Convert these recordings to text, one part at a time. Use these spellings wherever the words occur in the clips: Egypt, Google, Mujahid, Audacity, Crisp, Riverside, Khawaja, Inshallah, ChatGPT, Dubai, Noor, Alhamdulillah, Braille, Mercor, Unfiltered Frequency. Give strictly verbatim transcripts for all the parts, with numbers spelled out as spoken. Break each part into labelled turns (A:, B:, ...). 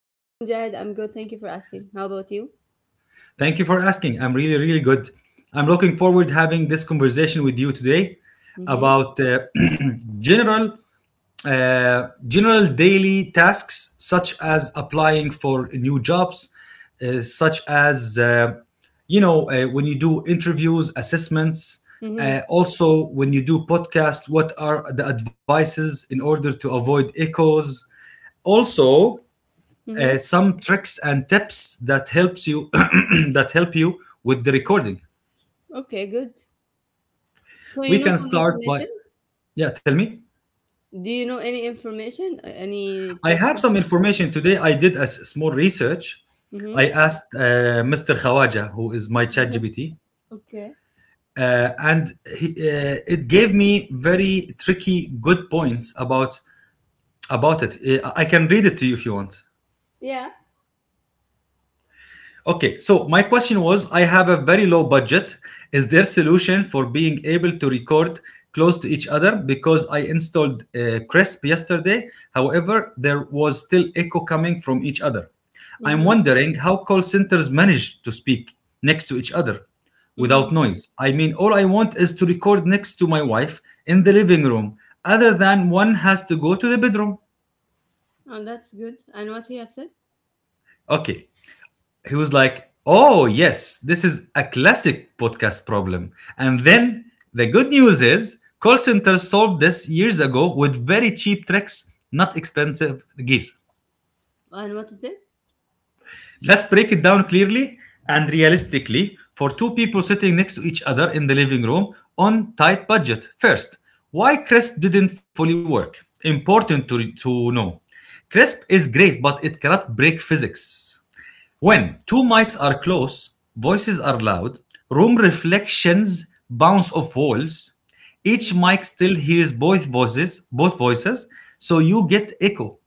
A: How are you, Mujahid? I'm good. Thank you for asking. How about you?
B: Thank you for asking. I'm really, really good. I'm looking forward having this conversation with you today
A: Mm-hmm.
B: about uh, general uh, general daily tasks such as applying for new jobs, uh, such as uh, you know uh, when you do interviews, assessments.
A: Mm-hmm.
B: Uh, also, when you do podcasts, what are the advices in order to avoid echoes? Also, uh,
A: Mm-hmm.
B: some tricks and tips that helps you that help you with the recording.
A: Okay, good. So you
B: We
A: know
B: can
A: some
B: start by,
A: information?
B: yeah. Tell me.
A: Do you know any information? Uh, any
B: I
A: tips?
B: have some information today. I did a s- small research.
A: Mm-hmm.
B: I asked uh, Mister Khawaja, who is my ChatGPT,
A: Okay.
B: uh, and he, uh, it gave me very tricky, good points about about it. Uh, I I can read it to you if you want.
A: Yeah.
B: Okay, so my question was, I have a very low budget. Is there solution for being able to record close to each other because I installed uh, Crisp yesterday. However, there was still echo coming from each other. I'm
A: Mm-hmm.
B: wondering how call centers manage to speak next to each other
A: Mm-hmm.
B: without noise. I mean, all I want is to record next to my wife in the living room other than one has to go to the bedroom.
A: Oh, that's good. And what you have said?
B: Okay, he was like, "Oh yes, this is a classic podcast problem." And then the good news is call centers solved this years ago with very cheap tricks, not expensive gear.
A: And what is that?
B: Let's break it down clearly and realistically for two people sitting next to each other in the living room on tight budget. First, why Crisp didn't fully work? Important to, to know. Crisp is great, but it cannot break physics. When two mics are close, voices are loud, room reflections bounce off walls. Each
A: Mm-hmm.
B: mic still hears both voices, both voices, so you get echo.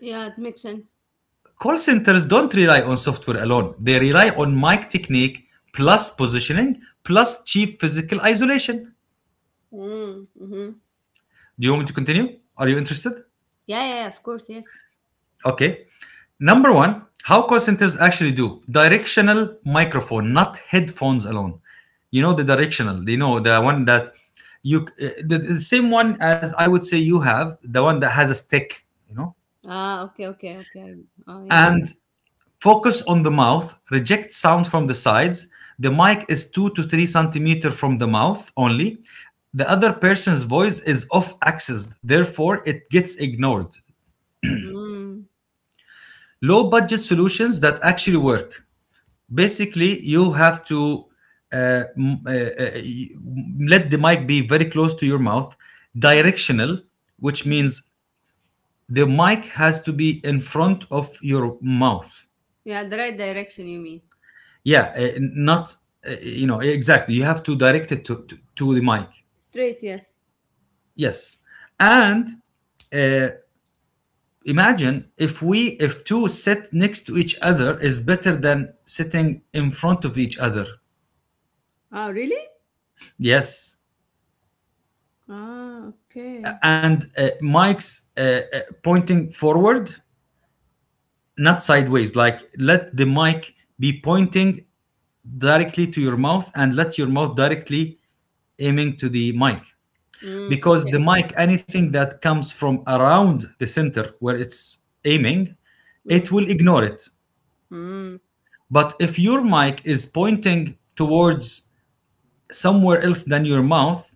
A: Yeah, it makes sense.
B: Call centers don't rely on software alone. They rely on mic technique plus positioning plus cheap physical isolation.
A: Mm-hmm.
B: Do you want me to continue? Are you interested?
A: Yeah, yeah, yeah, of course, yes.
B: Okay. Number one, how call centers actually do directional microphone, not headphones alone. You know the directional. You know the one that you uh, the, the same one as I would say you have the one that has a stick. You know
A: Ah, okay, okay, okay. Oh, yeah, yeah.
B: and focus on the mouth. Reject sound from the sides. The mic is two to three centimeter from the mouth only. The other person's voice is off axis, therefore it gets ignored.
A: Mm.
B: Low budget solutions that actually work, basically you have to uh, m- uh, uh, y- let the mic be very close to your mouth,
A: Mm-hmm.
B: directional, which
A: Mm-hmm.
B: means the mic has to be in front of your mouth,
A: Yeah, the right direction, you mean.
B: yeah, uh, not uh, you know exactly you have to direct it to, to, to the mic,
A: Straight, yes.
B: yes, and uh, imagine if we if two sit next to each other is better than sitting in front of each other,
A: Ah, really?
B: yes,
A: Ah, okay.
B: and uh, mics uh, uh, pointing forward, not sideways. Like let the mic be pointing directly to your mouth and let your mouth directly aiming to the mic.
A: Mm,
B: Because
A: okay.
B: the mic, anything that comes from around the center where it's aiming, it
A: Mm,
B: will ignore it.
A: mm,
B: But if your mic is pointing towards somewhere else than your mouth,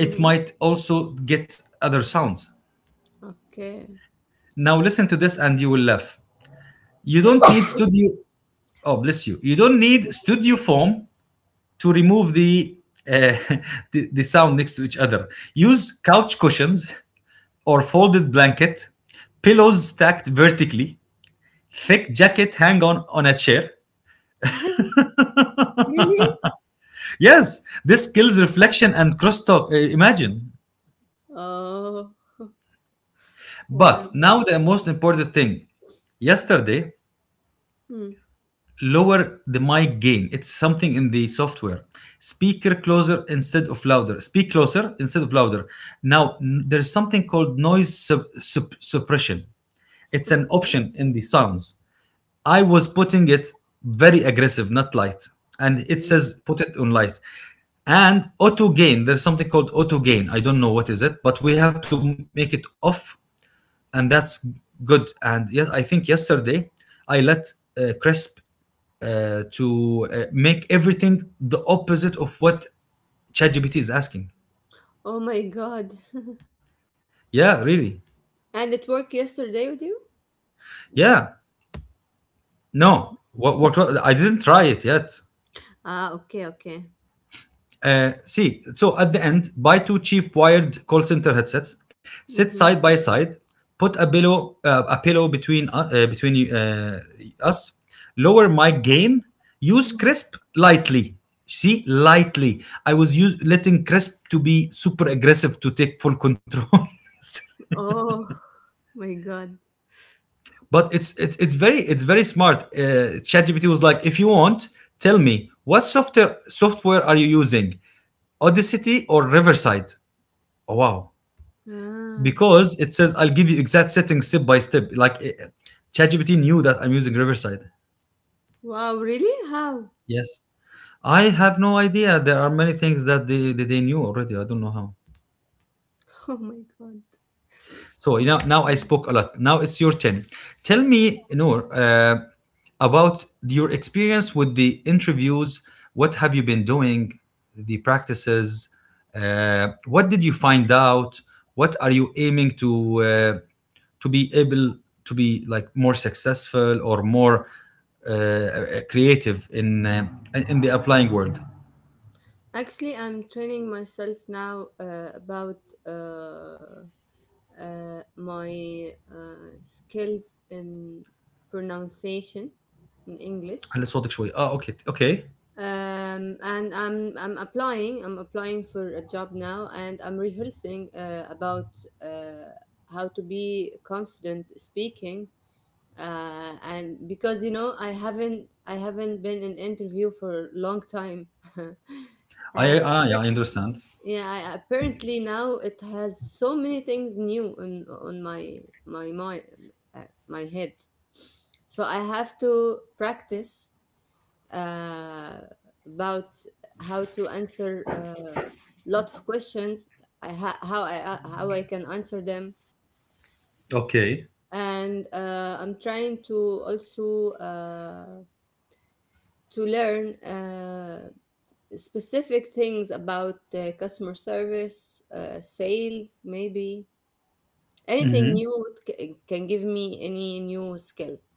B: it
A: mm-hmm.
B: might also get other sounds.
A: Okay.
B: Now listen to this and you will laugh. You don't need studio, oh bless you you don't need studio foam to remove the uh, the, the sound next to each other. Use couch cushions or folded blanket, pillows stacked vertically, thick jacket hang on on a chair.
A: Really?
B: Yes, this kills reflection and crosstalk. Uh, imagine.
A: Oh, yeah.
B: But now the most important thing, yesterday,
A: Mm,
B: lower the mic gain. It's something in the software. Speaker closer instead of louder. Speak closer instead of louder. Now, n- there's something called noise sup- sup- suppression. It's an
A: okay.
B: option in the sounds. I was putting it very aggressive, not light. And it
A: Mm.
B: says put it on light. And auto gain, there's something called auto gain. I don't know what is it, but we have to make it off, and that's good. And yes, I think yesterday I let uh, Crisp uh, to uh, make everything the opposite of what ChatGPT is asking.
A: Oh my God.
B: Yeah, really.
A: And it worked yesterday with you?
B: Yeah. No, what, what I didn't try it yet.
A: Ah, okay, okay.
B: Uh, see, so at the end, buy two cheap wired call center headsets, sit
A: Mm-hmm.
B: side by side, put a pillow uh, a pillow between uh, uh, between uh, us, lower my gain, use
A: Mm-hmm.
B: crisp lightly. See, lightly. I was use, letting crisp to be super aggressive to take full control.
A: Oh my God.
B: But it's it's it's very it's very smart. Uh, ChatGPT was like, if you want, tell me what software software are you using, Audacity or Riverside? Oh wow!
A: Ah.
B: Because it says I'll give you exact settings step by step. Like, eh, ChatGPT knew that I'm using Riverside.
A: Wow, really? How?
B: Yes, I have no idea. There are many things that they they, they knew already. I don't know how.
A: Oh my God.
B: So now,
A: It's-
B: now I spoke a lot. Now it's your turn. Tell me, Noor, uh, about your experience with the interviews. What have you been doing? The practices. Uh, what did you find out? What are you aiming to uh, to be able to be like more successful or more uh, creative in uh, in the applying world?
A: Actually, I'm training myself now uh, about uh, uh, my uh, skills in pronunciation in English.
B: على صوتك شوي. Ah, okay, okay.
A: Um, and I'm I'm applying. I'm applying for a job now, and I'm rehearsing uh, about uh, how to be confident speaking. Uh, and because you know, I haven't I haven't been in interview for a long time.
B: I,
A: And,
B: I, I understand.
A: yeah, I, apparently now it has so many things new on on my my my uh, my head. So I have to practice uh, about how to answer a lot of questions. I ha- how I uh, how I can answer them,
B: Okay.
A: and uh, I'm trying to also uh, to learn uh, specific things about uh, customer service, uh, sales, maybe. Anything new c- can give me any new skills.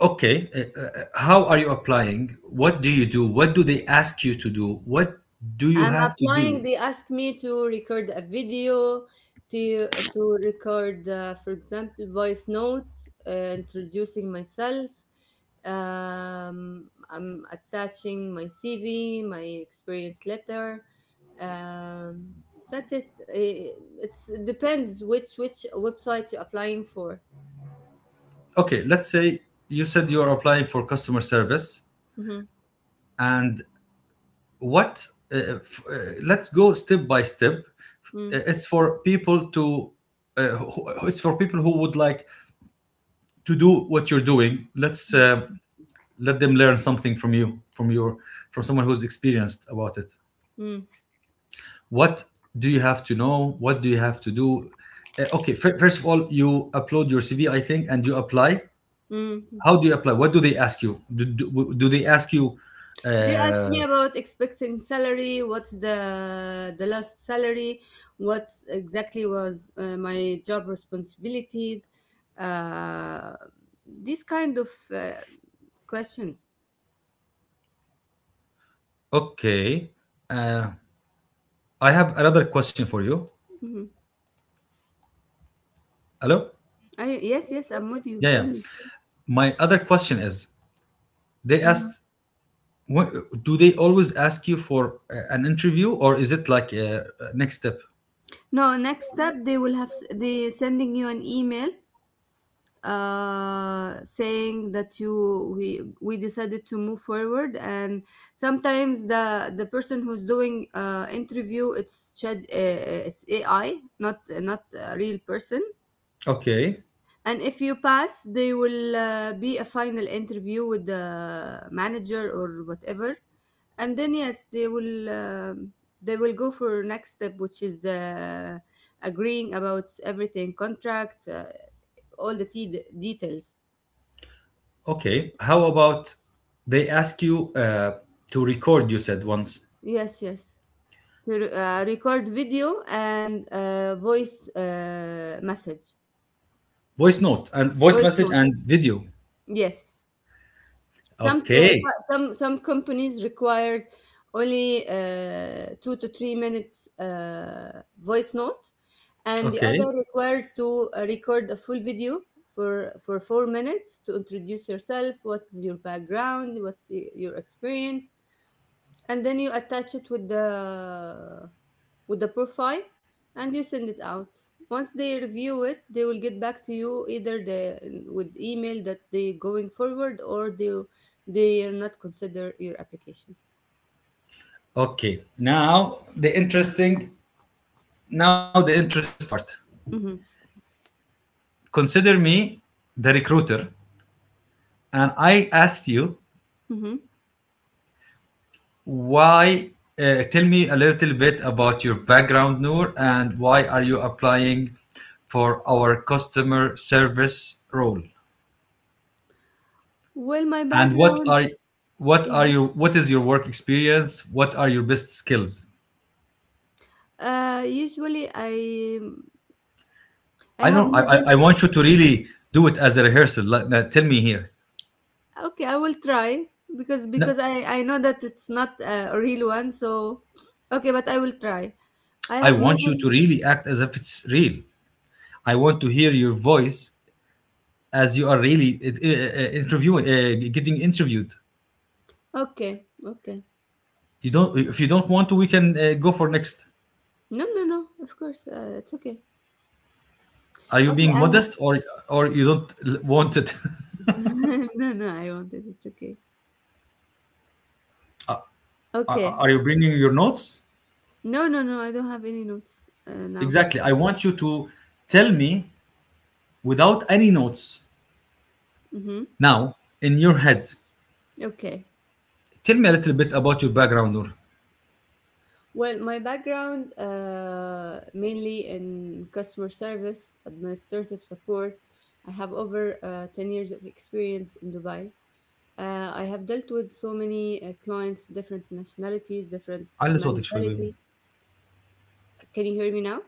B: Okay, uh, uh, how are you applying? What do you do? What do they ask you to do? What do you
A: I'm
B: have to
A: applying.
B: do?
A: They asked me to record a video, to to record, uh, for example, voice notes, uh, introducing myself. Um, I'm attaching my C V, my experience letter. Um, that's it. I- It's it depends which which website you're applying for.
B: Okay, let's say you said you are applying for customer service,
A: Mm-hmm.
B: and what? Uh, f- uh, let's go step by step.
A: Mm-hmm.
B: Uh, It's for people to. Uh, who- it's for people who would like to do what you're doing. Let's, uh, let them learn something from you, from your, from someone who's experienced about it.
A: Mm-hmm.
B: What do you have to know? What do you have to do? Uh, okay, fir- first of all you upload your CV, I think, and you apply.
A: Mm-hmm.
B: How do you apply? What do they ask you? Do, do, do they ask you
A: They asked
B: uh,
A: me about expecting salary, what's the the last salary, what exactly was uh, my job responsibilities, uh, these kind of uh, questions.
B: okay, uh, I have another question for you.
A: Mhm.
B: Hello.
A: I, yes, yes, I'm with you.
B: Yeah,
A: Tell
B: yeah.
A: me.
B: My other question is they
A: Mhm.
B: asked, wh- do they always ask you for uh, an interview, or is it like a next step?
A: No, next step they will have s- they sending you an email uh, saying that you we we decided to move forward, and sometimes the the person who's doing uh, interview, it's chat uh, it's AI, not not a real person.
B: Okay,
A: And if you pass, they will uh, be a final interview with the manager or whatever. And then yes, they will um, they will go for next step, which is the agreeing about everything contract, uh, all the t- details.
B: okay. How about they ask you uh, to record? You said once
A: Yes, yes. To re- uh, record video and uh, voice uh, message,
B: voice note and voice
A: voice
B: message
A: note.
B: and video.
A: Yes, some uh,
B: Okay.
A: so- some some companies requires only uh, two to three minutes uh, voice note, and the other
B: Okay,
A: requires to uh, record a full video for for four minutes to introduce yourself, what is your background, what's y- your experience, and then you attach it with the with the profile, and you send it out. Once they review it, they will get back to you, either the with email that they going forward, or they they are not consider your application.
B: okay. Now the interesting now the interesting part,
A: Hmm.
B: consider me the recruiter, and I asked you
A: Hmm.
B: why. Uh, tell me a little bit about your background, Noor, and why are you applying for our customer service role,
A: Well, my
B: and what
A: background.
B: are what are
A: Yeah.
B: your what is your work experience, what are your best skills?
A: Uh usually i i
B: I
A: have
B: don't. I,
A: more
B: I
A: than...
B: I want you to really do it as a rehearsal. Like, uh, tell me here.
A: Okay, I will try, because
B: No,
A: because i i know that it's not uh, a real one, so okay, but I will try. I
B: I
A: have more
B: want you
A: than...
B: to really act as if it's real. I want to hear your voice as you are really it, uh, uh, interviewing, uh, getting interviewed.
A: Okay, okay.
B: You don't. If you don't want to, we can uh, go for next.
A: No, no, no. Of course, uh, it's okay.
B: Are you
A: Okay,
B: being
A: I ha-
B: modest, or or you don't l- want it?
A: no, no. I want it. It's okay.
B: are
A: Okay.
B: are you bringing your notes?
A: No, no, no. I don't have any notes uh, now.
B: Exactly. I want you to tell me without any notes
A: Mm-hmm.
B: now in your head.
A: Okay.
B: Tell me a little bit about your background, Noor.
A: Well, my background uh, mainly in customer service, administrative support. I have over uh, ten years of experience in Dubai. Uh, I have dealt with so many uh, clients, different nationalities, different
B: علي صوتك شوي بيبي
A: mentality. Can you hear me now?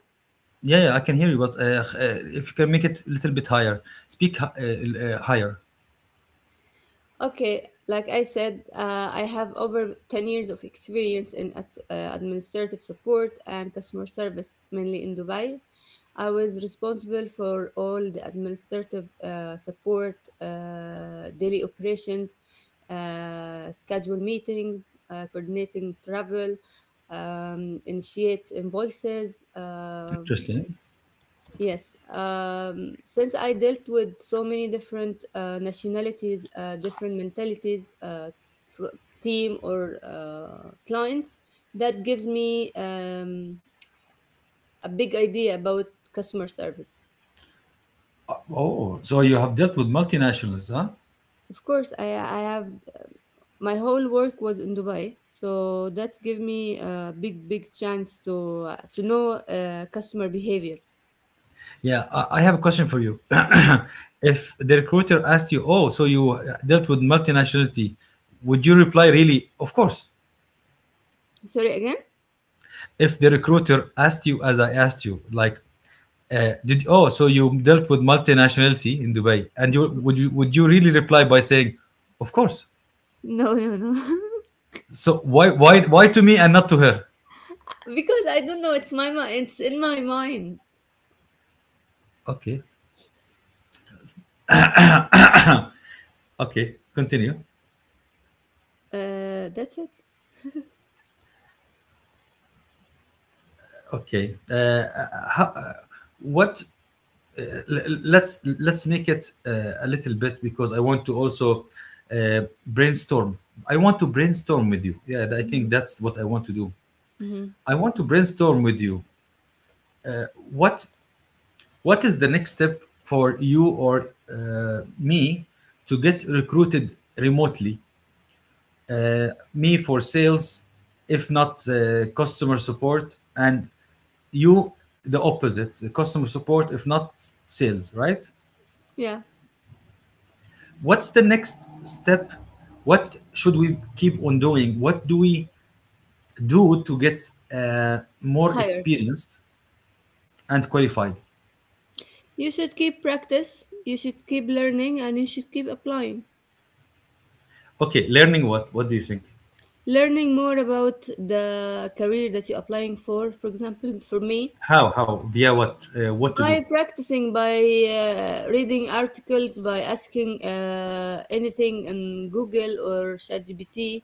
B: Yeah, yeah, I can hear you, but uh, h- uh, if you can make it a little bit higher, speak hi- uh, uh, higher.
A: Okay, like I said, uh, I have over ten years of experience in ad- uh, administrative support and customer service, mainly in Dubai. I was responsible for all the administrative uh, support, uh, daily operations, uh, schedule meetings, uh, coordinating travel, um, initiate invoices. um
B: Interesting.
A: Yes, um, since I dealt with so many different uh, nationalities, uh, different mentalities, uh, fr- team or uh, clients, that gives me um, a big idea about customer service.
B: Oh, so you have dealt with multinationals, huh?
A: Of course, I, I have my whole work was in Dubai, so that's give me a big big chance to uh, to know uh, customer behavior.
B: Yeah, I, I have a question for you.
A: Mhm.
B: If the recruiter asked you, "Oh, so you uh, dealt with multinationality," would you reply, "Really? Of course."
A: Sorry again?
B: If the recruiter asked you, as I asked you, like, uh, "Did oh, so you dealt with multinationality in Dubai?" and you would you would you really reply by saying, "Of course."
A: No, no, no.
B: So why why why to me and not to her?
A: because I don't know. It's my mind. It's in my mind.
B: Okay, okay, continue.
A: Uh, that's it.
B: Okay, uh, how, uh, what? Uh, l- let's let's make it uh, a little bit because I want to also uh, brainstorm. I want to brainstorm with you. Yeah, I think
A: Mhm.
B: that's what I want to do.
A: Hmm.
B: I want to brainstorm with you. What what is the next step for you or uh, me to get recruited remotely? Uh, Me for sales, if not uh, customer support, and you the opposite, the customer support if not sales, right?
A: Yeah,
B: What's the next step? What should we keep on doing? What do we do to get uh, more
A: higher.
B: experienced and qualified?
A: You should keep practice, you should keep learning, and you should keep applying.
B: Okay, learning what? What do you think?
A: Learning more about the career that you're applying for, for example, for me,
B: How how via what, uh, what to
A: by
B: do?
A: practicing, by uh, reading articles, by asking uh, anything in Google or ChatGPT,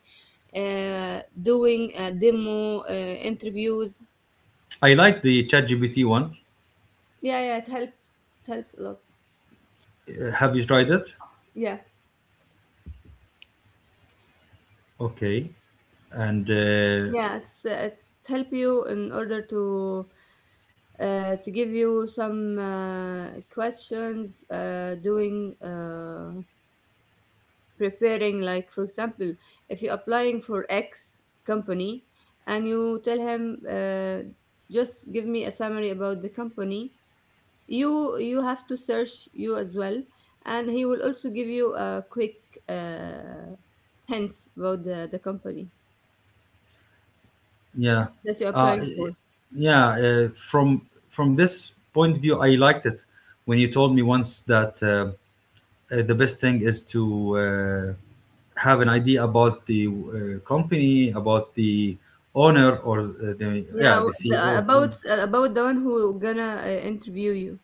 A: uh, doing a demo, uh, interviews.
B: I like the ChatGPT one.
A: Yeah, yeah, it helps. It helps a lot.
B: Uh, have you tried it?
A: Yeah.
B: Okay. And uh,
A: Yeah, it's uh, it help you in order to uh, to give you some uh, questions uh, doing uh, preparing, like for example, if you're applying for X company and you tell him, uh, just give me a summary about the company. you you have to search you as well, and he will also give you a quick uh, hints about the, the company
B: yeah,
A: that you're
B: uh,
A: applying
B: y-
A: for.
B: yeah. Uh, from from this point of view, I liked it when you told me once that uh, uh, the best thing is to uh, have an idea about the uh, company, about the owner or uh, the
A: Yeah,
B: yeah
A: w-
B: the
A: the,
B: C E O,
A: uh,
B: or the
A: about
B: owner,
A: uh, about the one who gonna uh, interview you.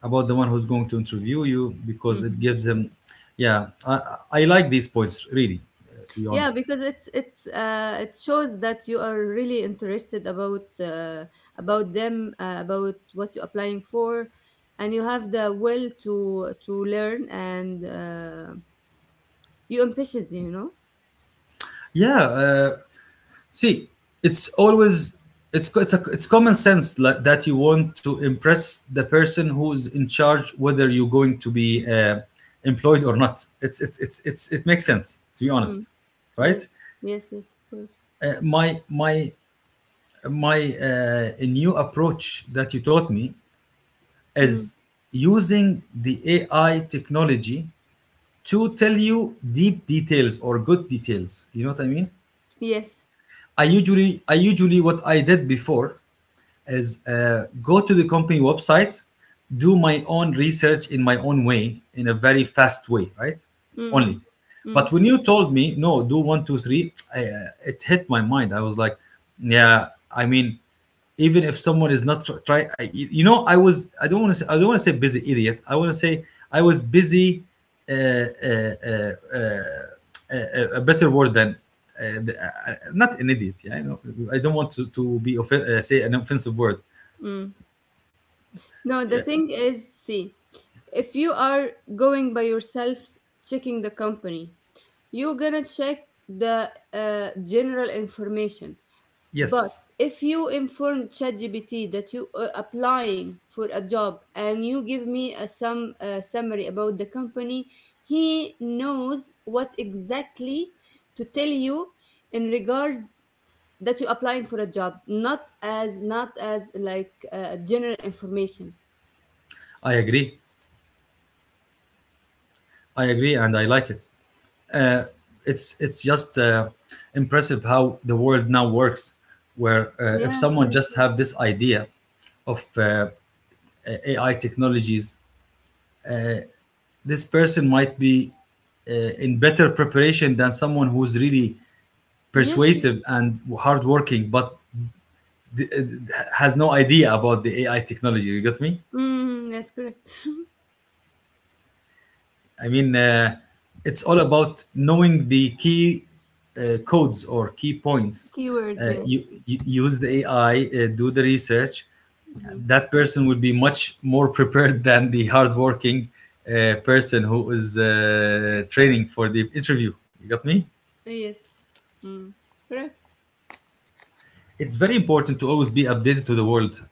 B: about the one who's going to interview you because it
A: Hmm.
B: gives them. Yeah, I I I like these points really, uh, to be
A: Yeah,
B: honest.
A: because it's it's uh, it shows that you are really interested about uh, about them, uh, about what you're applying for, and you have the will to to learn, and uh, you ambitious, you know.
B: Yeah, uh, See, it's always it's co- it's a, it's common sense, like, that you want to impress the person who's in charge, whether you're going to be uh, employed or not. It's it's it's it's it makes sense, to be
A: Mm.
B: honest, right?
A: Yes, yes, yes, of course.
B: Uh, my my my uh, a new approach that you taught me
A: Mm.
B: is using the A I technology to tell you deep details or good details. You know what I mean?
A: Yes.
B: I usually I usually what I did before is uh, go to the company website, do my own research in my own way, in a very fast way, right? Only.
A: Mm-mm.
B: But
A: Mm,
B: when you told me, no, do one, two, three, I, uh, it hit my mind. I was like, yeah, I mean, even if someone is not tr- try I, you know, i was I don't want to say I don't want to say busy idiot, I want to say I was busy, uh, uh, uh, uh, a, a better word than uh, the- uh, uh, not an idiot, yeah, I know. I don't want to, to be offen- uh, say an offensive word.
A: mm. No, the thing is, see, if you are going by yourself, checking the company, you're gonna check the uh, general information. But
B: Yes,
A: if you inform ChatGPT that you are applying for a job and you give me a some uh, summary about the company, he knows what exactly to tell you in regards that you're applying for a job, not as not as like uh, general information.
B: I agree, i agree and I like it. Uh, it's it's just uh, impressive how the world now works, where uh, if
A: Yes,
B: someone
A: yes,
B: just
A: yes.
B: have this idea of uh, A I technologies, this person might be uh, in better preparation than someone who's really
A: Yes. Yes.
B: persuasive and hardworking, but d- uh, has no idea about the A I technology. You got me?
A: Mm, that's correct.
B: I mean, uh, it's all about knowing the key uh, codes or key points.
A: Keywords,
B: Uh, you,
A: yes.
B: you use the A I, uh, do the research.
A: Mhm.
B: That person would be much more prepared than the hardworking uh, person who is uh, training for the interview. You got me?
A: Yes. Mm. Correct.
B: It's very important to always be updated to the world.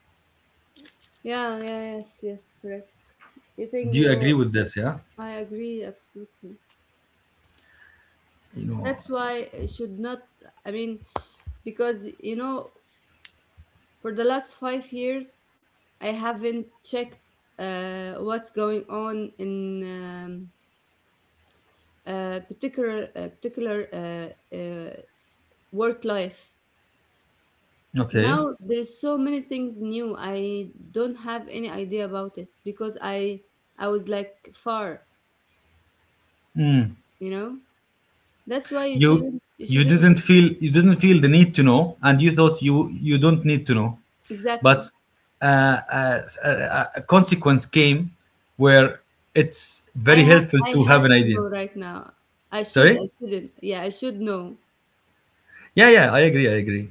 A: Yeah, yeah, yes, yes, correct. You think
B: Do you
A: you
B: agree with this? Yeah,
A: I agree absolutely.
B: you know.
A: That's why I should not. I mean, because you know for the last five years I haven't checked uh, what's going on in um, uh, particular uh, particular uh, uh, work life.
B: Okay.
A: Now there's so many things new. I don't have any idea about it because I I was like far. you know that's why you
B: you
A: shouldn't, you
B: you
A: shouldn't
B: didn't feel you didn't feel the need to know, and you thought you, you don't need to know,
A: exactly.
B: but uh, uh, a, a consequence came where it's
A: i
B: very
A: have
B: helpful
A: I
B: to have
A: have
B: an
A: to
B: idea.
A: know right now. i should
B: Sorry.
A: I shouldn't, yeah, I should know.
B: Yeah, yeah, I agree, i agree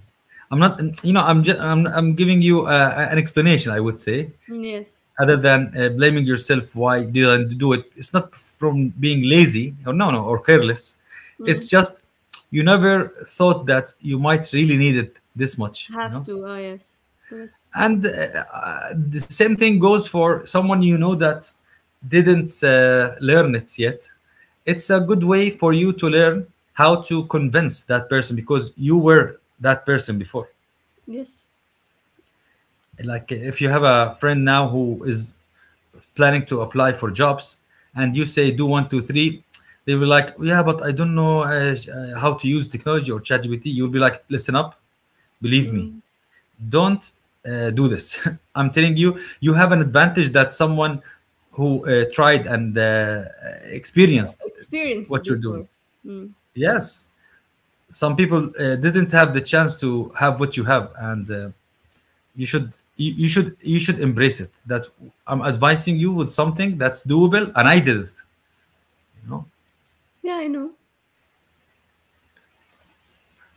B: I'm not, you know, i'm just i'm, I'm giving you uh, an explanation, I would say,
A: Mm, yes.
B: other than uh, blaming yourself why didn't do it. It's not from being lazy or no, no, or careless.
A: Mm.
B: It's just you never thought that you might really need it this much, you
A: Have
B: know.
A: to, ah, yes, correct,
B: And uh, uh, the same thing goes for someone, you know, that didn't uh, learn it yet. It's a good way for you to learn how to convince that person, because you were that person before.
A: yes.
B: Like, if you have a friend now who is planning to apply for jobs and you say do one, two, three, they will like, yeah, but I don't know uh, sh- uh, how to use technology or ChatGPT. You'll be like, listen up, believe me,
A: Mm.
B: don't uh, do this. I'm telling you, you have an advantage that someone who uh, tried and uh, experienced
A: Experienced
B: what you're
A: before.
B: doing.
A: Mm.
B: Yes, some people uh, didn't have the chance to have what you have, and uh, you should, you, you should you should embrace it, that I'm advising you with something that's doable and I did it. No.
A: Yeah, I know.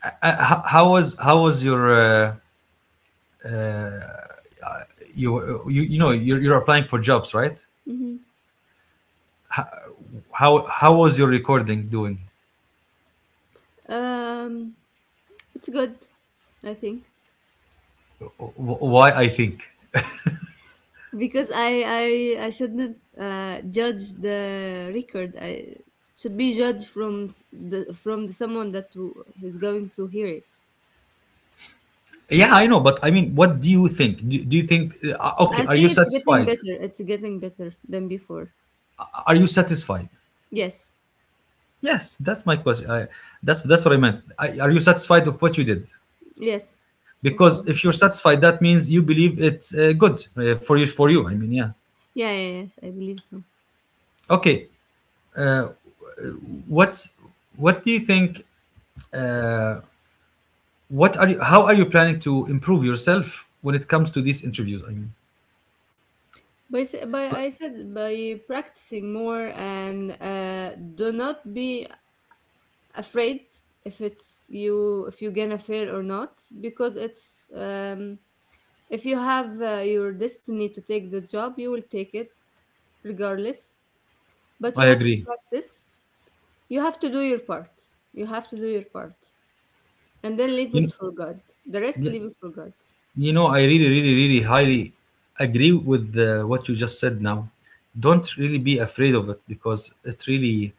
B: Uh, how, how was how was your uh, you, you you know you're, you're applying for jobs, right?
A: Hmm.
B: how how was your recording doing?
A: um it's good, I think.
B: Wh- why I think.
A: Because i i i shouldn't uh judge the record. I should be judged from s- the from someone that who is going to hear it.
B: Yeah, I know, but I mean, what do you think? Do, do you think, uh, okay,
A: I
B: are you
A: think it's getting
B: satisfied?
A: better. It's getting better than before.
B: Are you satisfied?
A: Yes.
B: Yes, that's my question. I, that's that's what I meant. I, are you satisfied of what you did?
A: Yes. So far.
B: Because if you're satisfied, that means you believe it's uh, good uh, for you for you, I mean, yeah.
A: Yeah, yeah, yes, I believe so.
B: Okay. What's, what do you think, what are you, how are you planning to improve yourself when it comes to these interviews, I mean?
A: By, s- by I said by practicing more, and uh, do not be afraid if it's you if you're gonna fail or not, because it's um, if you have uh, your destiny to take the job, you will take it regardless, but you
B: I
A: have to
B: agree.
A: practice. you have to do your part you have to do your part, and then leave
B: You know.
A: it for God. The rest,
B: Yeah,
A: leave it for God.
B: you know, I really, really, really highly agree with uh, what you just said now. Don't really be afraid of it, because it really,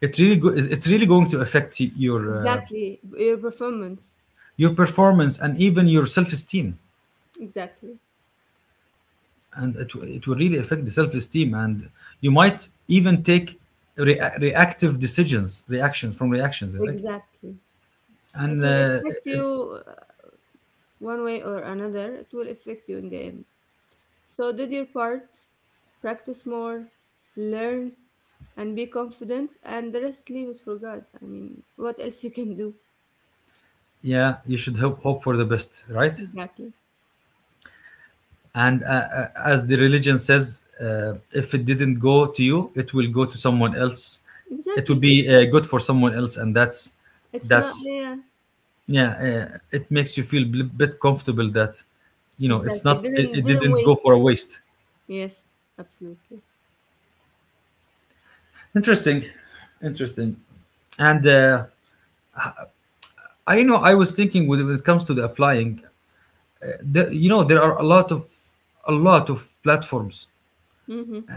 B: it really go- it's really going to affect y- your uh,
A: Exactly. Your performance.
B: your performance and even your self-esteem.
A: Exactly.
B: And it, w- it will really affect the self-esteem, and you might even take rea- reactive decisions, reactions from reactions, right?
A: Exactly. It
B: And
A: will
B: uh,
A: affect you uh, one way or another. It will affect you in the end. So, did your part, practice more, learn, and be confident, and the rest, leave it for God. I mean, what else you can do?
B: yeah, you should hope hope for the best, right?
A: Exactly.
B: And uh, uh, as the religion says, uh, if it didn't go to you, it will go to someone else. It will
A: Exactly.
B: be uh, good for someone else, and that's
A: It's not,
B: that's
A: there.
B: yeah. Uh, it makes you feel a bit comfortable that, you know, it's
A: Exactly.
B: not, it,
A: Didn't,
B: it
A: didn't
B: didn't go
A: waste.
B: for a waste.
A: Yes, absolutely.
B: Interesting, interesting. And uh, I, you know, I was thinking when it when it comes to the applying, the, you know, there are a lot of a lot of platforms,
A: Mm-hmm.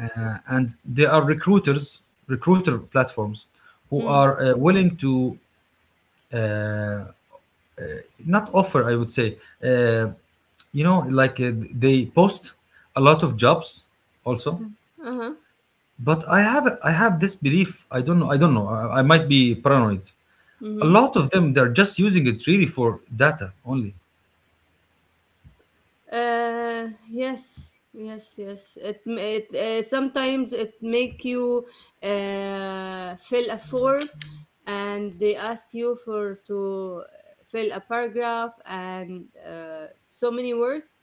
B: and there are recruiters recruiter platforms who
A: Mm.
B: are uh, willing to uh, not offer, I would say, uh, you know, like, uh, they post a lot of jobs also.
A: Uh-huh.
B: But i have I have this belief, I don't know, i don't know i, I might be paranoid. A
A: Mm-hmm.
B: lot of them, they're just using it really for data only,
A: Uh, yes, yes, yes. It m- it uh, sometimes it make you uh, fill a form, and they ask you for to fill a paragraph and uh, so many words,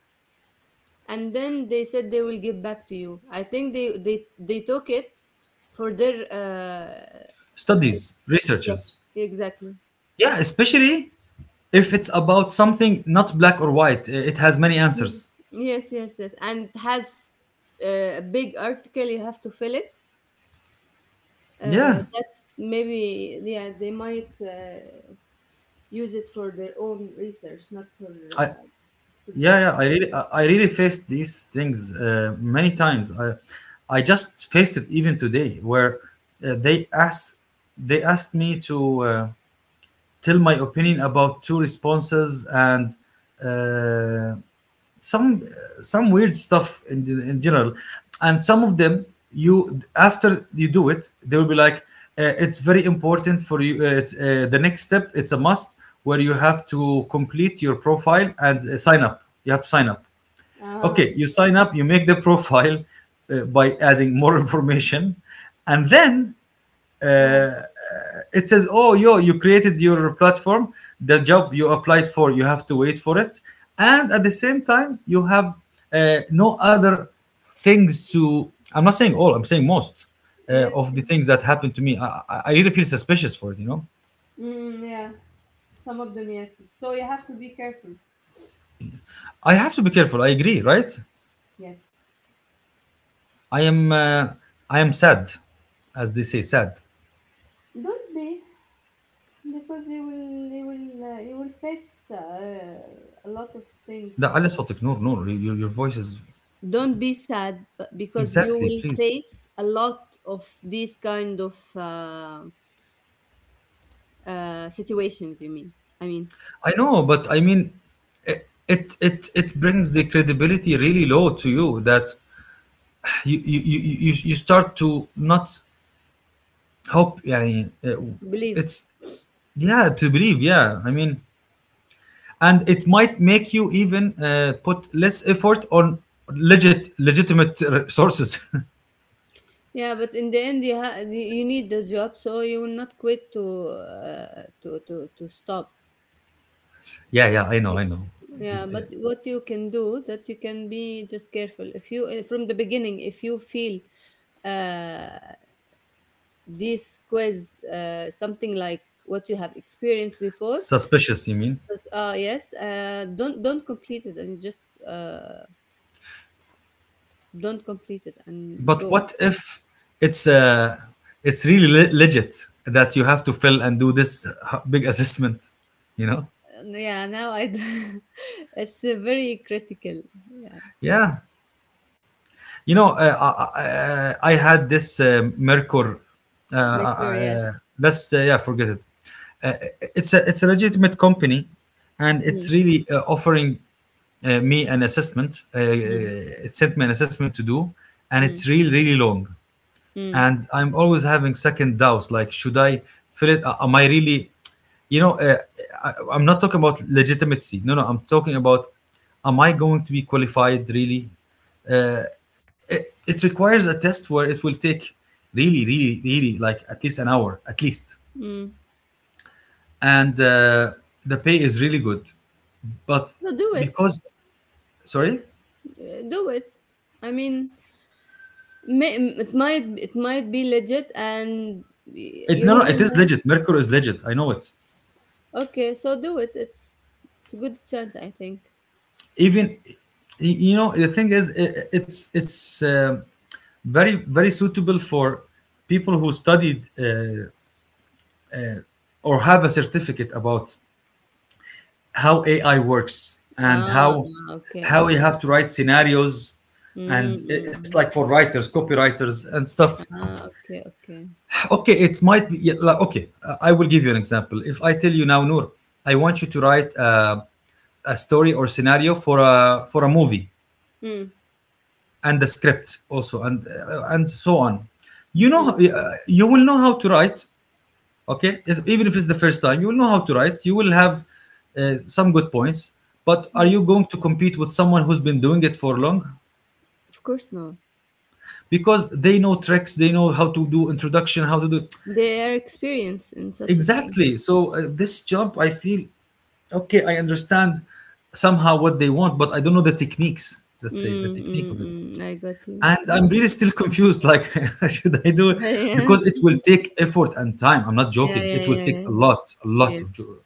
A: and then they said they will give back to you. I think they they they took it for their, uh,
B: studies,
A: yes,
B: researches.
A: exactly.
B: Yeah, especially if it's about something not black or white, it has many
A: Mm.
B: answers.
A: Yes, yes, yes. And it has uh, a big article. You have to fill it. Uh,
B: Yeah.
A: that's maybe yeah, they might uh, use it for their own research, not for
B: I,
A: uh, for
B: Yeah,
A: job.
B: yeah. I really, I I really faced these things uh, many times. I, I just faced it even today, where uh, they asked, they asked me to uh, tell my opinion about two responses, and uh, some, some weird stuff in in general. And some of them, you after you do it, they will be like, uh, it's very important for you. Uh, it's uh, the next step. It's a must, where you have to complete your profile and uh, sign up. You have to sign up.
A: Uh,
B: Okay, you sign up, you make the profile uh, by adding more information, and then
A: oh,
B: it says, "Oh, yo, you created your platform. The job you applied for, you have to wait for it." And at the same time, you have uh, no other things to. I'm not saying all, I'm saying most uh,
A: yes,
B: of the
A: yes.
B: things that happened to me. I, I I really feel suspicious for it. You know,
A: Mm, yeah. Some of them yes. So you have to be careful.
B: I have to be careful. I agree, right?
A: Yes.
B: I am. Uh, I am sad, as they say, sad.
A: Don't be, because you will you will uh, you will face uh, a lot of things.
B: لا
A: So
B: علي صوتك نور نور your, your voice is.
A: don't be sad, but because you
B: Exactly,
A: will
B: please.
A: face a lot of these kind of uh, uh, situations. You mean? I mean,
B: I know, but I mean, it it it, it brings the credibility really low to you, that you you, you, you you start to not hope. Yeah,
A: believe.
B: it's, yeah, to believe. Yeah, I mean, and it might make you even uh, put less effort on legit legitimate uh, sources.
A: Yeah, but in the end, you ha- you need the job, so you will not quit to uh, to to to stop.
B: Yeah, yeah, I know,
A: But,
B: I know. You-
A: yeah, but
B: uh,
A: what you can do that you can be just careful. If you eh, From the beginning, if you feel uh, this quiz uh, something like what you have experienced before,
B: suspicious, you mean?
A: just, uh, yes, uh, don't don't complete it and just, uh, don't complete it and
B: But
A: go.
B: what if it's uh, it's really le- legit that you have to fill and do this h- big assessment? You know?
A: And yeah, now I it's uh, very critical. Yeah,
B: Yeah. You know, uh, I, I, I had this uh, Mercor. Uh,
A: mature. Yes.
B: uh, let's uh, yeah, forget it. Uh, it's a, it's a legitimate company, and
A: Hmm.
B: it's really uh, offering uh, me an assessment. Uh,
A: Mm,
B: it sent me an assessment to do, and
A: mm,
B: it's really really long,
A: mm,
B: and I'm always having second doubts. Like, should I fill it? Am I really, you know, uh, I, I'm not talking about legitimacy. No, no, I'm talking about, am I going to be qualified really? Uh, it, it requires a test where it will take really, really, really, like, at least an hour, at least,
A: mm.
B: and uh, the pay is really good, but
A: No, do it,
B: because, sorry,
A: Uh, do it. I mean, may, it might it might be legit, and y-
B: it,
A: you
B: no, no,
A: never
B: it is
A: know.
B: legit. Mercury is legit. I know it.
A: Okay, so do it. It's it's a good chance, I think.
B: Even You know, the thing is i- it's it's um very very suitable for people who studied, uh, or have a certificate about how A I works and
A: Ah,
B: how
A: ah, okay,
B: how
A: okay.
B: you have to write scenarios.
A: Mm,
B: And i-
A: mm,
B: it's like
A: mm.
B: for writers, copywriters and stuff.
A: Ah, okay, okay.
B: Okay, it might be, yeah, like, okay. I I will give you an example. If I tell you now, Noor, I want you to write, uh, a story or scenario for a for a movie,
A: Mm,
B: and the script also, and uh, and so on, you know,
A: mm,
B: uh, you will know how to write. Okay, Is- even if it's the first time, you will know how to write. You will have uh, some good points, but are
A: mm.
B: you going to compete with someone who's been doing it for long?
A: Of course not.
B: Because they know tricks, they know how to do introduction, how to do.
A: They are experienced in such a thing.
B: Exactly. So uh, this job, I feel, okay, I understand somehow what they want, but I don't know the techniques, let's say the
A: Mm,
B: technique
A: mm,
B: of it.
A: mm. I got you.
B: And I'm
A: Yeah.
B: really still confused. Like, should I do it? Because it will take effort and time. I'm not
A: Yeah,
B: joking.
A: yeah,
B: It will
A: yeah,
B: take
A: yeah.
B: a lot, a lot of.
A: Yes.
B: Jo-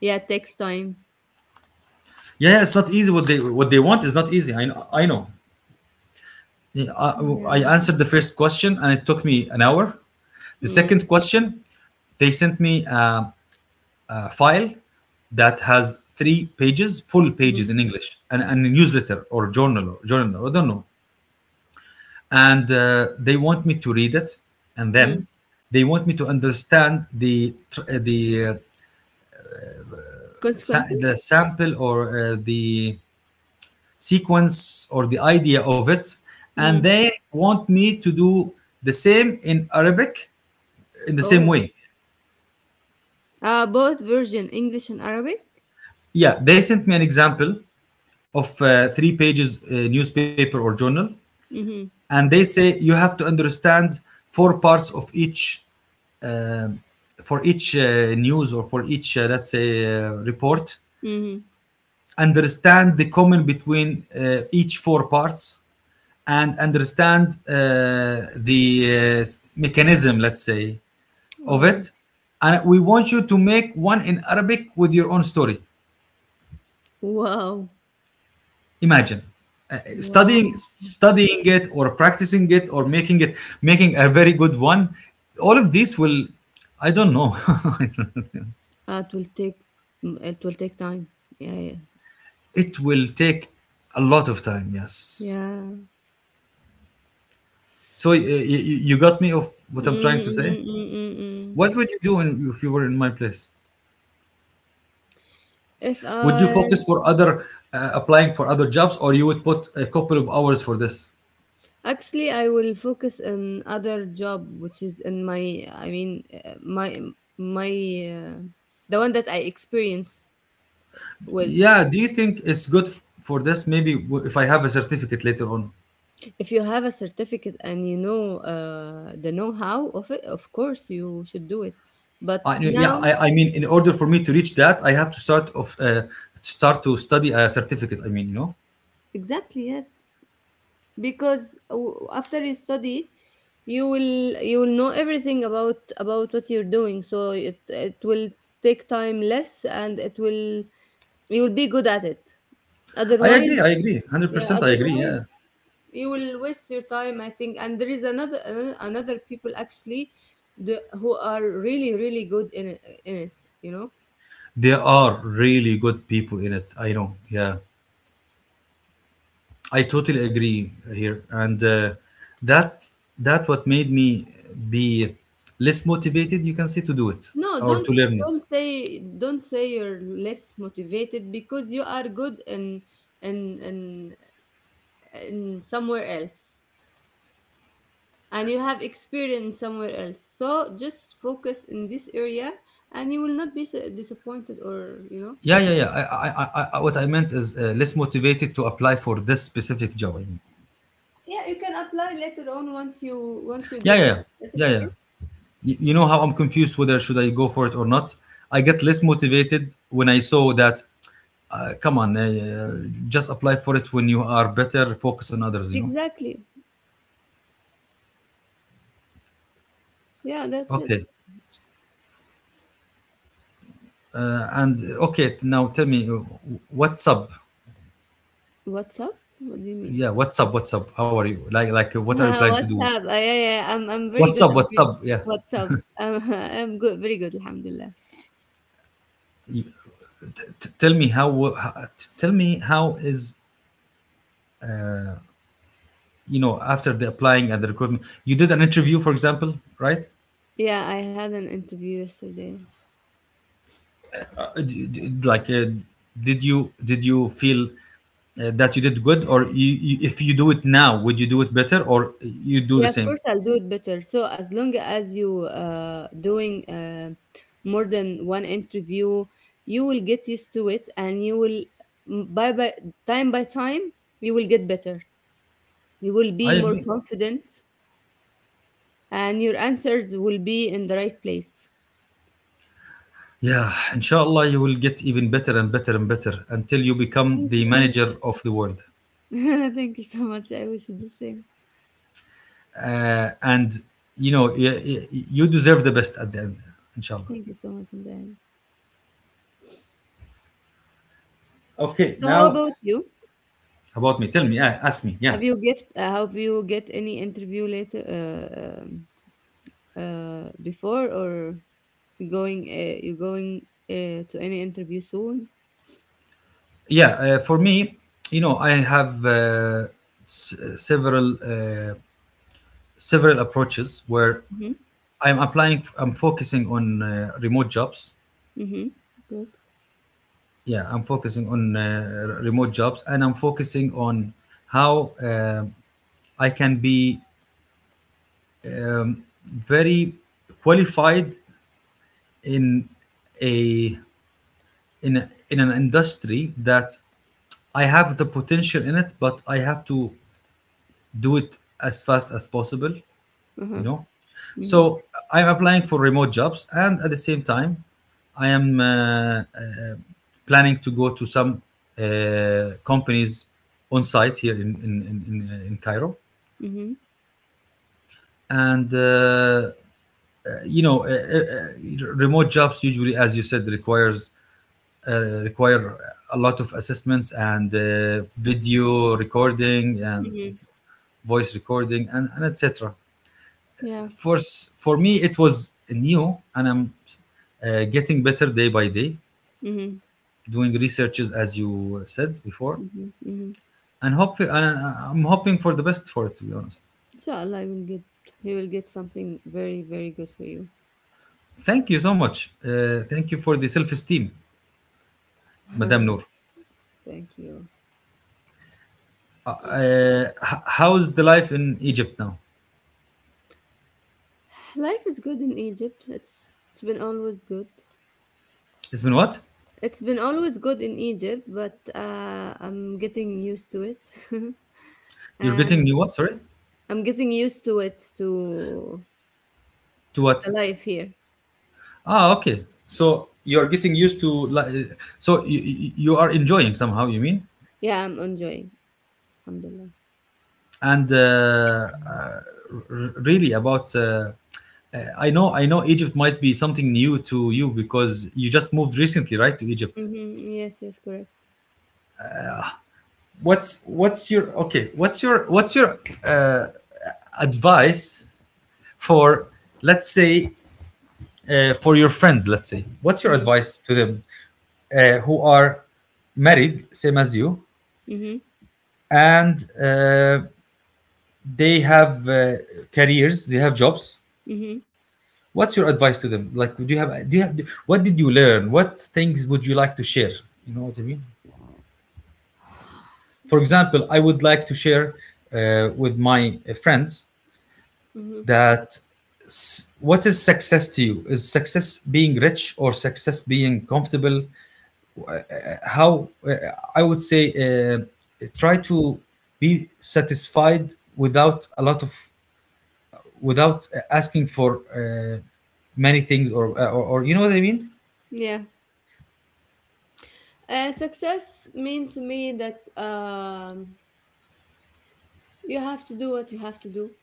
A: Yeah, it takes time.
B: Yeah, yeah, it's not easy. What they what they want is not easy. I know. I know. Yeah, I,
A: Yeah.
B: I answered the first question and it took me an hour. The
A: Mm,
B: second question, they sent me a, a file that has three pages, full pages
A: mhm,
B: in English, and, and a newsletter or journal or journal. I don't know. And uh, they want me to read it, and
A: mm.
B: then they want me to understand the tr- uh, the uh, sa-
A: Consequently?
B: the sample, or uh, the sequence or the idea of it, and
A: Mm.
B: they want me to do the same in Arabic, in the same
A: Oh.
B: way.
A: Uh, both version, English and Arabic?
B: Yeah, they sent me an example of uh, three pages, uh, newspaper or journal,
A: Mm-hmm.
B: and they say you have to understand four parts of each, um, for each, uh, news, or for each, uh, let's say, uh, report.
A: Mm-hmm.
B: Understand the common between, uh, each four parts, and understand, uh, the uh, mechanism, let's say, of
A: Oh.
B: it. And we want you to make one in Arabic with your own story.
A: Wow.
B: Imagine, uh, studying,
A: Wow.
B: studying it or practicing it or making it, making a very good one. All of these will, I don't know. I don't know.
A: Uh, it will take mm, it will take time. Yeah, yeah.
B: It will take a lot of time, yes.
A: Yeah.
B: So uh, you, you got me of what I'm
A: Mm,
B: trying to say?
A: mm, mm, mm, mm.
B: What would you do, in, if you were in my place?
A: If
B: Would you
A: I
B: focus for other, uh, applying for other jobs, or you would put a couple of hours for this?
A: Actually, I will focus on other job which is in my I mean, uh, my my uh, the one that I experience with.
B: Yeah, do you think it's good f- for this? Maybe w- if I have a certificate later on.
A: If you have a certificate and you know uh, the know-how of it, of course you should do it. But
B: I, yeah,
A: now,
B: I, I mean, in order for me to reach that, I have to start of, uh, start to study a certificate. I mean, you know,
A: exactly, yes, because w- after you study, you will you will know everything about about what you're doing. So it it will take time less, and it will you will be good at it.
B: I
A: Otherwise,
B: agree, I agree, hundred
A: yeah.
B: percent, I agree.
A: Otherwise,
B: Yeah,
A: you will waste your time, I think, and there is another, ano- another people actually the who are really, really good in it, in it you know
B: there are really good people in it. I know. Yeah, I totally agree here, and uh, that, that what made me be less motivated. You can say, to do it
A: no,
B: or
A: don't
B: to learn it.
A: don't say don't say you're less motivated because you are good in in in, in somewhere else, and you have experience somewhere else, so just focus in this area, and you will not be so disappointed or you know
B: Yeah, yeah, yeah. I, I, I, I, what I meant is, uh, less motivated to apply for this specific job. I mean,
A: Yeah, you can apply later on, once you once you
B: yeah,
A: get
B: yeah,
A: the
B: yeah, yeah, yeah.
A: certificate.
B: You know how I'm confused whether should I go for it or not. I get less motivated when I saw that. Uh, come on, uh, just apply for it when you are better. Focus on others. You know.
A: Exactly. Yeah, that's it.
B: Okay. Uh, and okay, now tell me, uh, what's up?
A: What's up? What do you mean?
B: Yeah, what's up? What's up? How are you? Like, like, uh, what are you planning to
A: What's
B: do?
A: up? Uh, yeah, yeah, yeah. I'm I'm very
B: What's
A: good.
B: up?
A: I'm
B: What's
A: very,
B: up? Yeah.
A: what's up? Um, I'm good. Very good. Alhamdulillah.
B: You- t- Tell me how, how. t- Tell me how is, you know, after the applying and the recruitment. You did an interview, for example, right?
A: Yeah, I had an interview yesterday.
B: Uh, d- d- like, uh, did you did you feel, uh, that you did good, or you, you, if you do it now, would you do it better, or you do the
A: Yeah, of
B: same?
A: course I'll do it better. So as long as you uh doing uh, more than one interview, you will get used to it, and you will m- by by time by time you will get better. You will
B: I
A: be more
B: agree.
A: confident, and your answers will be in the right place.
B: Yeah, inshallah, you will get even better and better and better until you become
A: Thank
B: the
A: you.
B: manager of the world.
A: Thank you so much. I wish you the same.
B: Uh, and you know, y- y- you deserve the best at the end, inshallah.
A: Thank you so much, Mujahid.
B: Okay,
A: So, how
B: now
A: about you?
B: about me. Tell me, yeah, ask me.
A: Have
B: Yeah,
A: you gift? Uh, have you get any interview later? Uh, um, uh, before or you going? Uh, you going uh, to any interview soon?
B: yeah. Uh, for me, you know, I have, uh, s- several, uh, several approaches where
A: Mm-hmm.
B: I'm applying. I'm focusing on, uh, remote jobs.
A: Mm-hmm. Good.
B: Yeah, I'm focusing on, uh, remote jobs, and I'm focusing on how. Uh, I can be very qualified in a in a, in an industry that I have the potential in it, but I have to do it as fast as possible.
A: Uh
B: You
A: huh.
B: know,
A: Mm-hmm.
B: so I'm applying for remote jobs, and at the same time, I am uh, uh, planning to go to some, uh, companies on site here in in in, in, in Cairo,
A: Mm-hmm.
B: and. Uh, you know, uh, uh, uh, remote jobs usually, as you said, requires uh, require a lot of assessments and, uh, video recording and
A: Mm-hmm.
B: voice recording and, and et cetera.
A: Yeah.
B: For s- for me, it was new, and I'm, uh, getting better day by day,
A: Mm-hmm.
B: doing researches as you said before,
A: Mm-hmm. Mm-hmm.
B: and hope and uh, I'm hoping for the best for it. To be honest,
A: Inshallah, you will get. You will get something very, very good for you.
B: thank you so much. Uh, thank you for the self esteem, Madame Noor.
A: Thank you.
B: Uh, uh, h- how's the life in Egypt now?
A: Life is good in Egypt. It's it's been always good.
B: It's been what?
A: It's been always good in Egypt, but uh, I'm getting used to it.
B: You're getting
A: And
B: new what? Sorry,
A: I'm getting used to it, to
B: to
A: the
B: what?
A: life here.
B: Ah, okay. So you're getting used to li- so you, you are enjoying somehow. You mean?
A: Yeah, I'm enjoying. Alhamdulillah.
B: And uh, uh, r- really about. Uh, uh, I know, I know. Egypt might be something new to you because you just moved recently, right, to Egypt.
A: Mm-hmm. Yes, yes, correct.
B: What's what's your okay? What's your what's your uh, advice for, let's say, uh, for your friends? Let's say, what's your
A: Mm-hmm.
B: advice to them, uh, who are married, same as you,
A: Mm-hmm.
B: and, uh, they have, uh, careers, they have jobs. What's your advice to them? Like, would you have? Do you have? What did you learn? What things would you like to share? You know what I mean. For example, I would like to share, uh, with my, uh, friends
A: Mm-hmm.
B: that, s- what is success to you? Is success being rich, or success being comfortable? How, uh, I would say, uh, try to be satisfied without a lot of, without, uh, asking for, uh, many things, or, uh, or or you know what I mean.
A: Yeah. Uh, success mean to me that, um, you have to do what you have to do.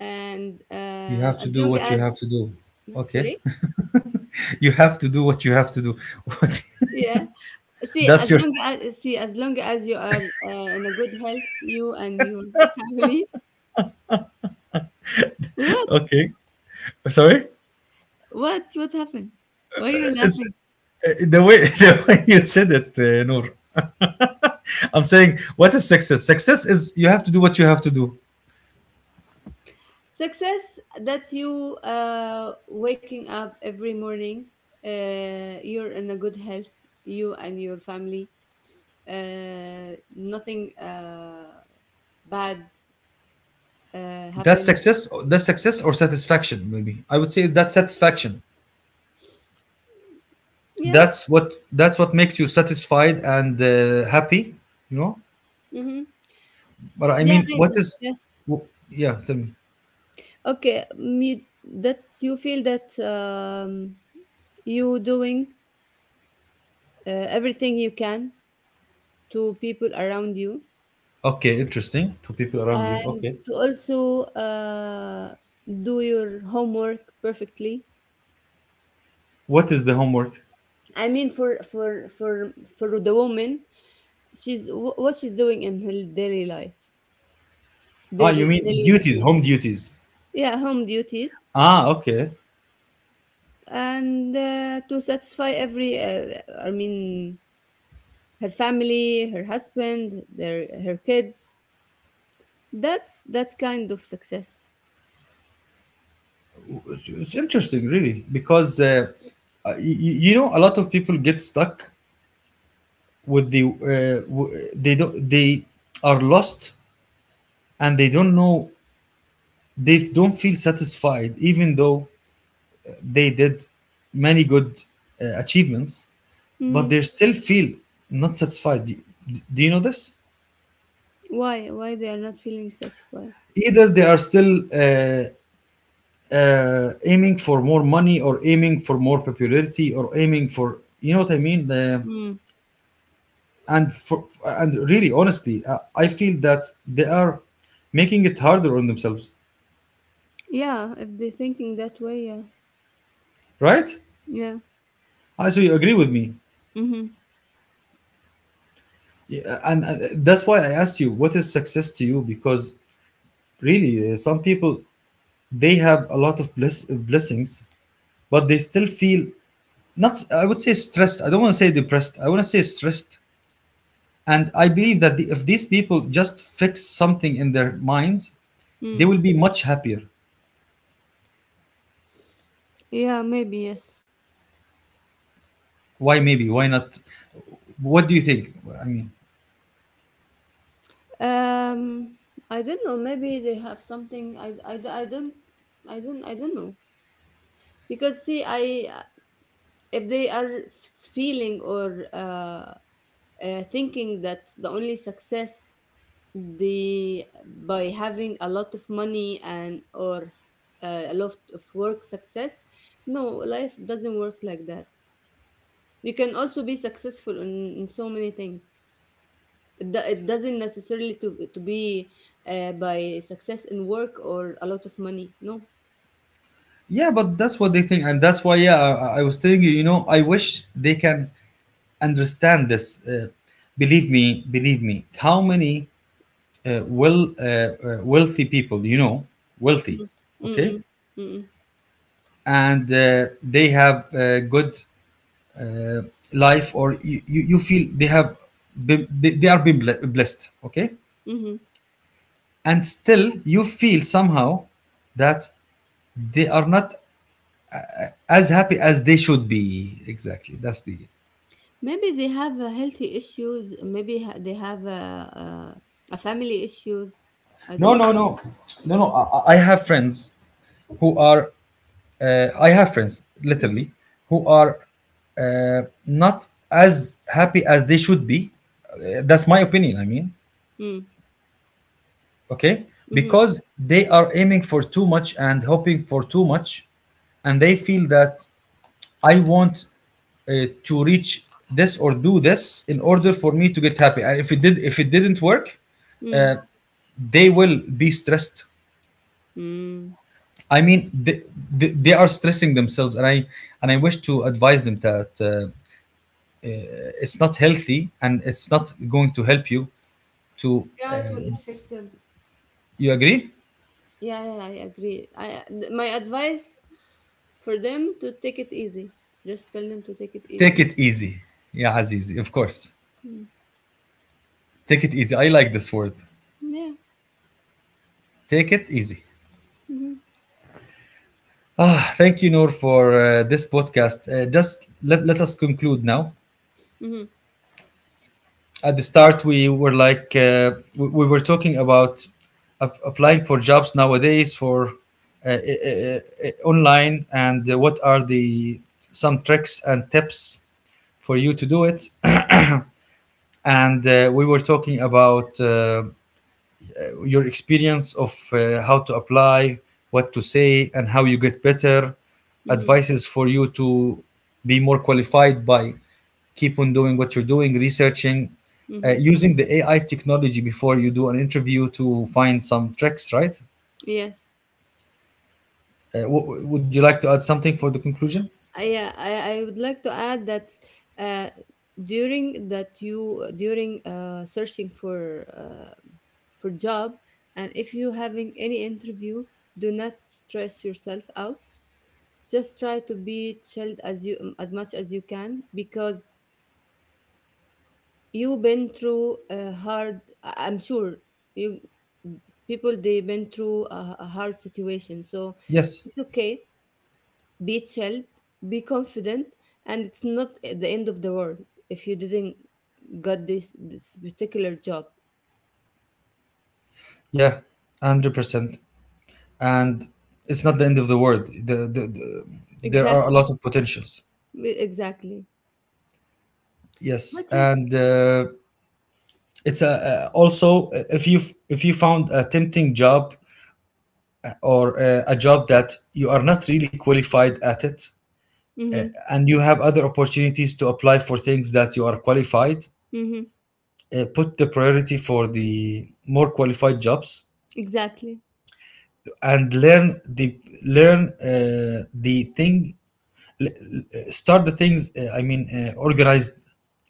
A: And
B: You
A: uh,
B: have to
A: as
B: do
A: long
B: what you
A: as,
B: have to do. Okay,
A: sorry?
B: you have to do what you have to do. What?
A: Yeah. See, as
B: That's your
A: long as see, as long as you are uh, in a good health, you and your family. What?
B: okay. Sorry,
A: What? What happened? Why you are you
B: it's,
A: laughing?
B: uh, the way the way you said it, uh, Noor. I'm saying, what is success? Success is you have to do what you have to do.
A: Success that you uh, waking up every morning. Uh, you're in a good health. You and your family. Uh, nothing uh, bad uh,
B: That's
A: happened.
B: success. That's success, or satisfaction. Maybe I would say that's satisfaction.
A: Yeah.
B: That's what, that's what makes you satisfied and, uh, happy, you know,
A: Mm-hmm.
B: but I
A: Yeah,
B: mean, what
A: maybe.
B: is,
A: Yes.
B: wh- yeah, tell me.
A: Okay. Me, that you feel that, um, you doing uh, everything you can to people around you,
B: Okay, interesting. To people around you,
A: and
B: okay.
A: to also uh, do your homework perfectly.
B: What is the homework?
A: I mean, for for for for the woman, she's wh- what she's doing in her daily life,
B: Ah, you
A: daily,
B: mean
A: daily
B: duties,
A: routine.
B: home duties.
A: Yeah, home duties,
B: Ah, okay.
A: and uh, to satisfy every, uh, I mean, her family, her husband, their her kids. That's that's kind of success.
B: It's interesting really, because, uh, uh, you, you know, a lot of people get stuck with the, uh, w- they don't, they are lost, and they don't know, they don't feel satisfied, even though they did many good, uh, achievements, but
A: Mhm.
B: they still feel not satisfied. Do, do you know this?
A: why why they are not feeling satisfied?
B: Either they are still, uh, uh, aiming for more money, or aiming for more popularity, or aiming for, you know what I mean. Uh,
A: Mm.
B: and for, and really, honestly, uh, I feel that they are making it harder on themselves,
A: Yeah, if they're thinking that way, yeah.
B: right?
A: Yeah.
B: Ah, so you agree with me.
A: Mm-hmm.
B: Yeah, and, and that's why I asked you what is success to you, because really, uh, some people, they have a lot of bless, blessings, but they still feel not. I would say stressed. I don't want to say depressed. I want to say stressed. And I believe that the, if these people just fix something in their minds, they
A: Mm.
B: will be much happier.
A: Yeah, maybe, yes.
B: Why maybe? Why not? What do you think? I mean,
A: Um, I don't know, maybe they have something. I, I, I don't I don't I don't know. Because see, I if they are feeling or uh, uh thinking that the only success, the by having a lot of money and or uh, a lot of work success, no, life doesn't work like that. You can also be successful in, in so many things. It, do, it doesn't necessarily to to be uh, by success in work or a lot of money. No.
B: yeah, but that's what they think, and that's why. Yeah, I, I was telling you. You know, I wish they can understand this. Uh, believe me, believe me. How many, uh, well uh, uh, wealthy people you know, wealthy,
A: Mhm.
B: okay,
A: Mm-mm. Mm-mm.
B: and, uh, they have, uh, good, uh, life, or you, you you feel they have been, they they are being ble- blessed, okay,
A: Mm-hmm.
B: and still you feel somehow that they are not as happy as they should be, exactly that's the.
A: Maybe they have uh, healthy issues. Maybe ha- they have uh, uh, a family issues. I
B: No
A: don't know.
B: no no no no i, I I have friends who are, uh, I have friends literally
A: Mm-hmm.
B: who are, uh, not as happy as they should be. Uh, that's my opinion, I mean,
A: Mm-hmm.
B: okay,
A: Mm-hmm.
B: because they are aiming for too much, and hoping for too much, and they feel that I want, uh, to reach this, or do this, in order for me to get happy, and if it did, if it didn't work,
A: Mm-hmm.
B: uh, they will be stressed.
A: mm
B: I mean they, they, they, are stressing themselves. And I, and I wish to advise them that, uh, it's not healthy, and it's not going to help you to,
A: Yeah, it will
B: uh,
A: affect them.
B: you agree.
A: Yeah, yeah, I agree. I th- my advice for them to take it easy. Just tell them to take it
B: Take
A: easy.
B: it easy. Yeah, azizi, of course,
A: Hmm.
B: take it easy, I like this word.
A: Yeah.
B: Take it easy.
A: Mhm.
B: Ah, thank you, Noor, for, uh, this podcast. Uh, just let, let us conclude now.
A: Mhm.
B: At the start, we were like, uh, we, we were talking about, ap- applying for jobs nowadays for, uh, uh, uh, uh, online, and, uh, what are the some tricks and tips for you to do it. And, uh, we were talking about, uh, your experience of, uh, how to apply, what to say, and how you get better.
A: Mhm.
B: Advices for you to be more qualified by keep on doing what you're doing, researching, uh,
A: Mhm.
B: using the A I technology before you do an interview to find some tricks, right?
A: Yes.
B: Uh, w- would you like to add something for the conclusion?
A: I, yeah, I, I would like to add that, uh, during that you during uh, searching for uh, for job, and if you having any interview, do not stress yourself out. Just try to be chilled as you um, as much as you can, because you've been through a hard. I- I'm sure you people they have been through a, a hard situation, so
B: Yes.
A: it's okay. Be chill, be confident, and it's not the end of the world if you didn't got this this particular job.
B: Yeah, one hundred percent. And it's not the end of the world. The, the, the, there are a
A: Exactly.
B: lot of potentials.
A: Exactly.
B: Yes.
A: That's it.
B: And, uh, it's a, uh, also, uh, if you, if you found a tempting job, or, uh, a job that you are not really qualified at it,
A: Mm-hmm.
B: and you have other opportunities to apply for things that you are qualified,
A: Mm-hmm.
B: uh, put the priority for the more qualified jobs,
A: Exactly.
B: and learn the, learn, uh, the thing, l- l- start the things, uh, I mean, uh, organized,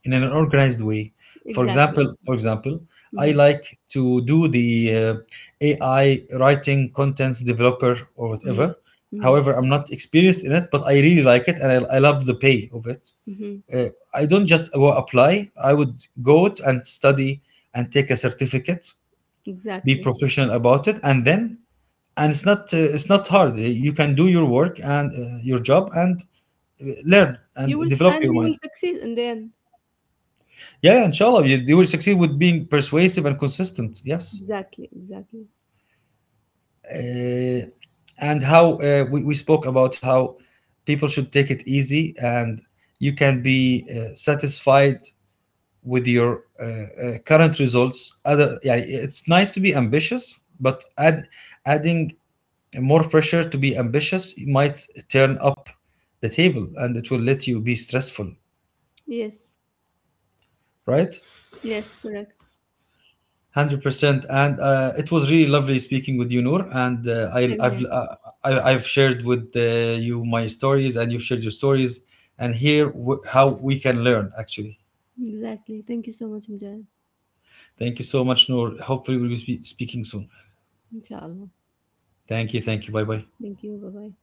B: in an organized way. For
A: Exactly.
B: example, for example, I
A: Mm-hmm.
B: like to do the, uh, A I writing contents developer or whatever.
A: Mm-hmm. Mm-hmm.
B: However, I'm not experienced in it, but I really like it, and i, I love the pay of it.
A: Mm-hmm.
B: Uh, I don't just go apply, I would go out and study, and take a certificate, be
A: Exactly.
B: professional about it, and then, and it's not, uh, it's not hard, you can do your work and, uh, your job, and, uh, learn
A: You
B: and
A: will,
B: develop
A: and
B: your
A: you will
B: mind.
A: succeed in the end.
B: Yeah, yeah, inshallah, you, you will succeed with being persuasive and consistent, yes.
A: Exactly. Exactly.
B: Uh, and how, uh, we, we spoke about how people should take it easy, and you can be, uh, satisfied with your, uh, uh, current results. Other, yeah, it's nice to be ambitious, but add, adding more pressure to be ambitious might turn up the table, and it will let you be stressful,
A: Yes.
B: right?
A: Yes. Correct.
B: one hundred percent. And, uh, it was really lovely speaking with you, Noor, and, uh, I,
A: Same
B: I've,
A: here.
B: uh, I, I've shared with, uh, you my stories, and you've shared your stories, and here, w- how we can learn actually.
A: Exactly. Thank you so much, Mujahid.
B: Thank you so much, Noor, hopefully we'll be spe- speaking soon.
A: Inshallah.
B: Thank you, thank you, bye bye.
A: Thank you. Bye bye.